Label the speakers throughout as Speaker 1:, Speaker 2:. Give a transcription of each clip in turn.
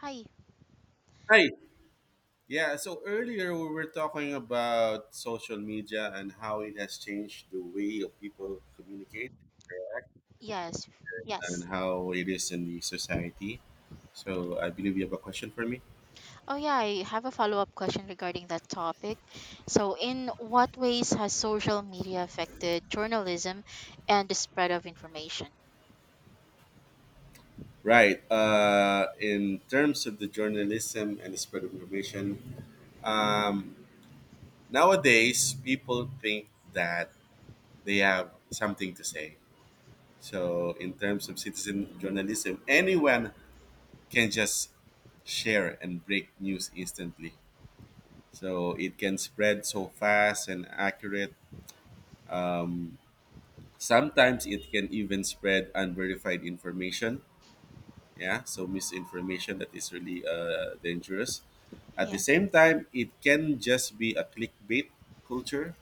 Speaker 1: Hi.
Speaker 2: Hi. Yeah, so earlier we were talking about social media and how it has changed the way of people communicate
Speaker 1: Yes.
Speaker 2: and
Speaker 1: Yes.
Speaker 2: how it is in the society. So I believe you have a question for me.
Speaker 1: Oh, yeah. I have a follow up question regarding that topic. So, in what ways has social media affected journalism and the spread of information?
Speaker 2: Right. In terms of the journalism and the spread of information, um, nowadays people think that they have something to say. So in terms of citizen journalism, anyone can just share and break news instantly. So it can spread so fast and accurate. Um, Sometimes it can even spread unverified information. Yeah, so misinformation that is really dangerous. At the
Speaker 1: Yeah.
Speaker 2: same time, it can just be a clickbait culture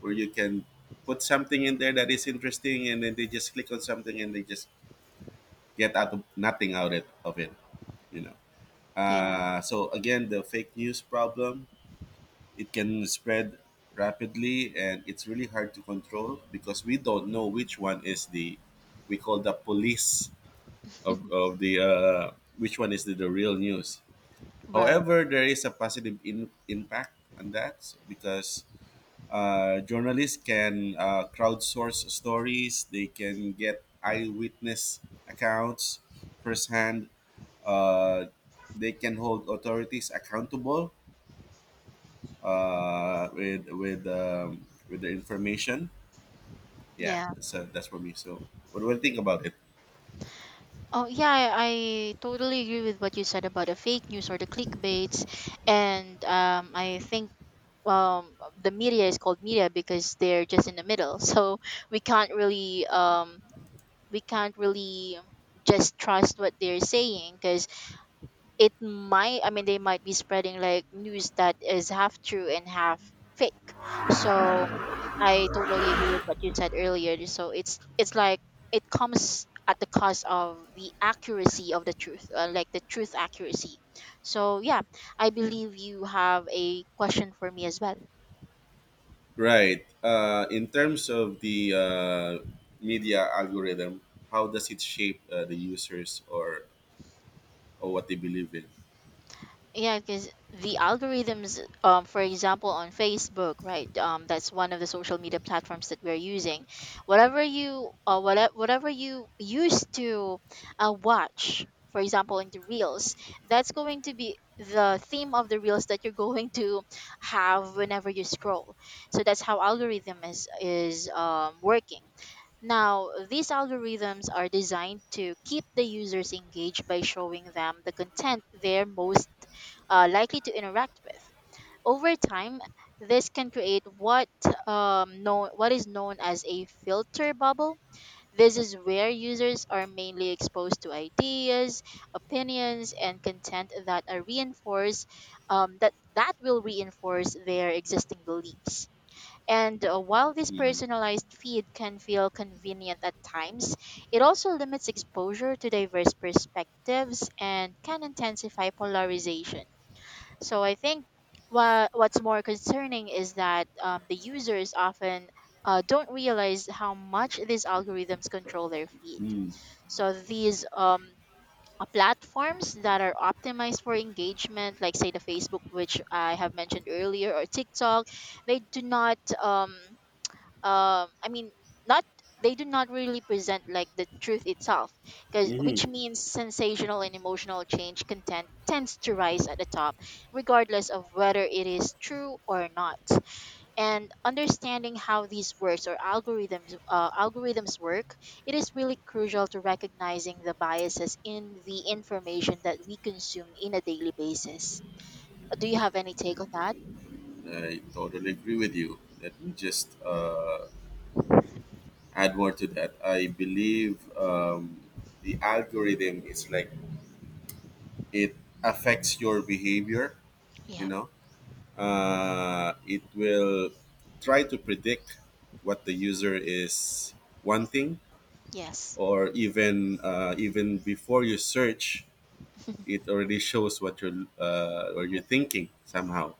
Speaker 2: where you can put something in there that is interesting, and then they just click on something and they just get out of nothing out of it, you know.
Speaker 1: Yeah.
Speaker 2: So again, the fake news problem, it can spread rapidly, and it's really hard to control because we don't know which one is the, we call the police of, of the which one is the real news.
Speaker 1: Right.
Speaker 2: However, there is a positive in, impact on that because journalists can crowdsource stories, they can get eyewitness accounts firsthand, uh, they can hold authorities accountable with with the information. Yeah,
Speaker 1: Yeah.
Speaker 2: so that's for me. So what do I think about it?
Speaker 1: Oh, yeah. I totally agree with what you said about the fake news or the clickbaits. And I think. The media is called media because they're just in the middle, so we can't really we can't really just trust what they're saying because it might they might be spreading like news that is half true and half fake. So I totally agree with what you said earlier, so it's like it comes at the cost of the accuracy of the truth, like the truth accuracy. So yeah, I believe you have a question for me as well.
Speaker 2: Right. In terms of the media algorithm, how does it shape the users, or what they believe in?
Speaker 1: Yeah, because the algorithms, for example, on Facebook, right? That's one of the social media platforms that we're using. Whatever you, whatever you used to watch, for example, in the reels, that's going to be the theme of the reels that you're going to have whenever you scroll. So that's how algorithm is working. Now, these algorithms are designed to keep the users engaged by showing them the content they're most likely to interact with. Over time, this can create what is known as a filter bubble. This is where users are mainly exposed to ideas, opinions, and content that are reinforced that will reinforce their existing beliefs. And while this
Speaker 2: Mm-hmm.
Speaker 1: personalized feed can feel convenient at times, it also limits exposure to diverse perspectives and can intensify polarization. So I think what's more concerning is that the users often don't realize how much these algorithms control their feed. So these platforms that are optimized for engagement, like say the Facebook, which I have mentioned earlier, or TikTok, they do not. Um i mean not they do not really present like the truth itself, because which
Speaker 2: Mm-hmm.
Speaker 1: means sensational and emotional change content tends to rise at the top regardless of whether it is true or not. And understanding how these words or algorithms work, it is really crucial to recognizing the biases in the information that we consume in a daily basis. Do you have any take on that?
Speaker 2: I totally agree with you. Let me just add more to that. I believe the algorithm is like it affects your behavior, you
Speaker 1: Yeah.
Speaker 2: know, it will try to predict what the user is wanting,
Speaker 1: Yes.
Speaker 2: or even before you search, it already shows what you're
Speaker 1: Mhm.
Speaker 2: thinking somehow.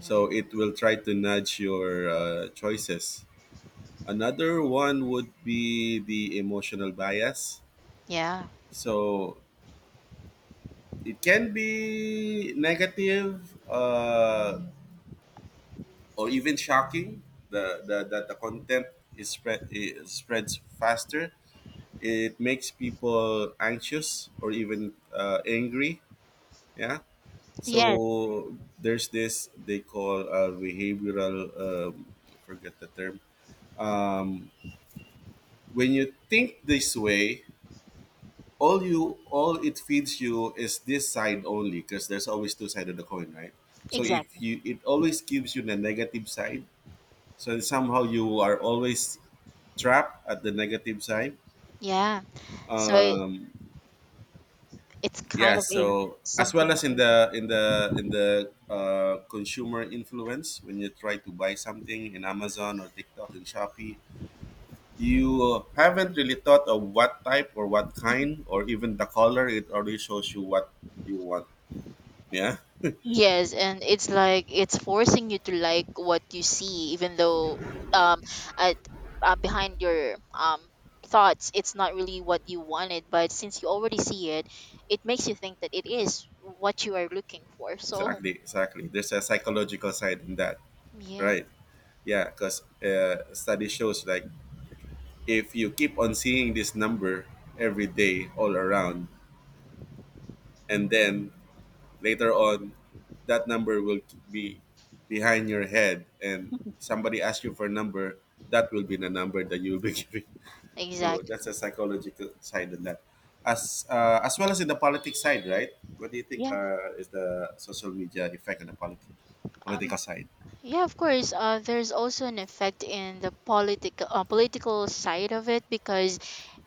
Speaker 2: So it will try to nudge your choices. Another one would be the emotional bias.
Speaker 1: Yeah.
Speaker 2: So it can be negative, or even shocking, the content is spread, is spreads faster. It makes people anxious or even angry. Yeah.
Speaker 1: Yes.
Speaker 2: So there's this, they call behavioral. I forget the term. Um, when you think this way, all it feeds you is this side only, because there's always two sides of the coin, right? So if
Speaker 1: Exactly.
Speaker 2: you it always gives you the negative side, so somehow you are always trap at the negative side.
Speaker 1: Yeah. So
Speaker 2: Um,
Speaker 1: it's kind
Speaker 2: yeah,
Speaker 1: of a
Speaker 2: so as well
Speaker 1: something
Speaker 2: as in
Speaker 1: amazing.
Speaker 2: the in the consumer influence, when you try to buy something in Amazon or TikTok and Shopee, you haven't really thought of what type or what kind or even the color. It already shows you what you want. Yeah,
Speaker 1: Yes, and it's like it's forcing you to like what you see, even though um at behind your thoughts, it's not really what you wanted. But since you already see it, it makes you think that it is what you are looking for. So
Speaker 2: exactly, exactly. There's a psychological side in that,
Speaker 1: yes,
Speaker 2: right? Yeah, because study shows like if you keep on seeing this number every day all around, and then later on that number will be behind your head, and somebody asks you for a number, that will be the number that you'll be giving. So that's
Speaker 1: exactly.
Speaker 2: a psychological side of that. As as well as in the politics side, right? What do you think
Speaker 1: Yeah.
Speaker 2: is the social media effect on the
Speaker 1: Um,
Speaker 2: political side?
Speaker 1: yeah, of course. There's also an effect in the political political side of it because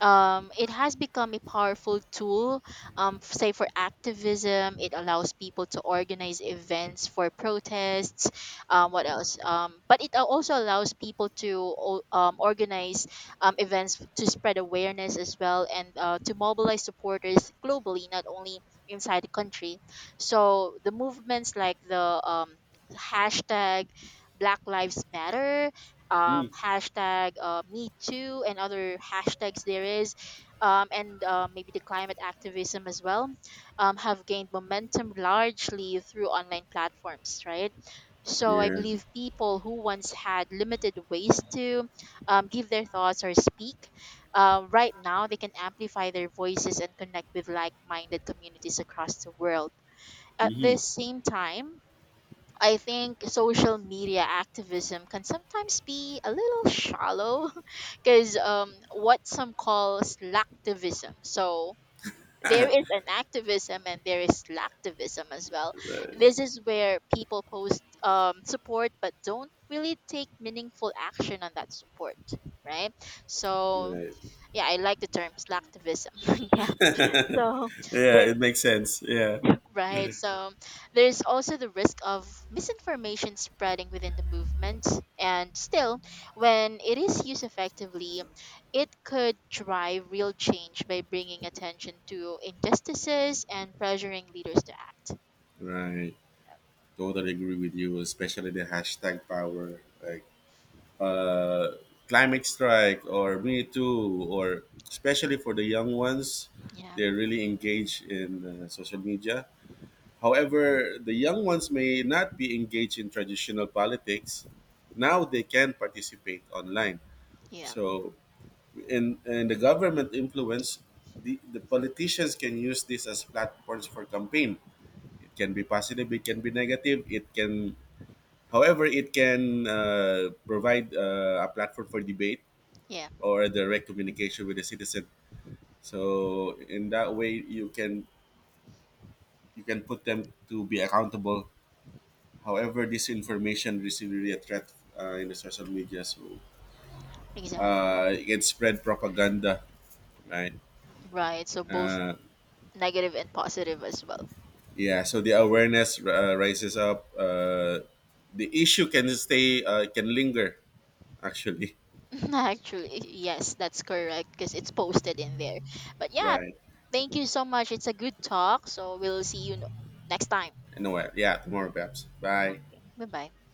Speaker 1: it has become a powerful tool. Say for activism, it allows people to organize events for protests. What else? But it also allows people to organize to spread awareness as well and to mobilize supporters globally, not only inside the country. So the movements like the hashtag Black Lives Matter,
Speaker 2: Mm.
Speaker 1: hashtag Me Too, and other hashtags there is, and maybe the climate activism as well, have gained momentum largely through online platforms, right? So I
Speaker 2: Yeah.
Speaker 1: believe people who once had limited ways to give their thoughts or speak, right now they can amplify their voices and connect with like-minded communities across the world. At
Speaker 2: Hmm.
Speaker 1: the same time, I think social media activism can sometimes be a little shallow because what some call slacktivism. So there is an activism and there is slacktivism as well. This is where people post support but don't really take meaningful action on that support, right? So
Speaker 2: Right.
Speaker 1: yeah, I like the term slacktivism. Yeah. So
Speaker 2: Yeah,
Speaker 1: there.
Speaker 2: it makes sense. Yeah.
Speaker 1: Right. So there's also the risk of misinformation spreading within the movement. And still, when it is used effectively, it could drive real change by bringing attention to injustices and pressuring leaders to act.
Speaker 2: Right. Totally agree with you, especially the hashtag power. Like, uh, climate strike or me too, or especially for the young ones,
Speaker 1: Yeah.
Speaker 2: they're really engaged in social media. However, the young ones may not be engaged in traditional politics, now they can participate online.
Speaker 1: Yeah.
Speaker 2: So in the government influence, the politicians can use this as platforms for campaign. It can be positive, it can be negative, it can, however it can provide a platform for debate
Speaker 1: Yeah.
Speaker 2: or a direct communication with the citizen. So in that way, you can, you can put them to be accountable. However, this information is really a threat in the social media, so
Speaker 1: Exactly.
Speaker 2: it can spread propaganda, right?
Speaker 1: Right. So both
Speaker 2: Uh,
Speaker 1: negative and positive as well.
Speaker 2: yeah, so the awareness rises up. The issue can stay can linger actually,
Speaker 1: Actually, yes, that's correct because it's posted in there. But yeah,
Speaker 2: right?
Speaker 1: thank you so much. It's a good talk. So we'll see you next time.
Speaker 2: Anyway, yeah, tomorrow perhaps. Bye.
Speaker 1: Okay. Bye bye.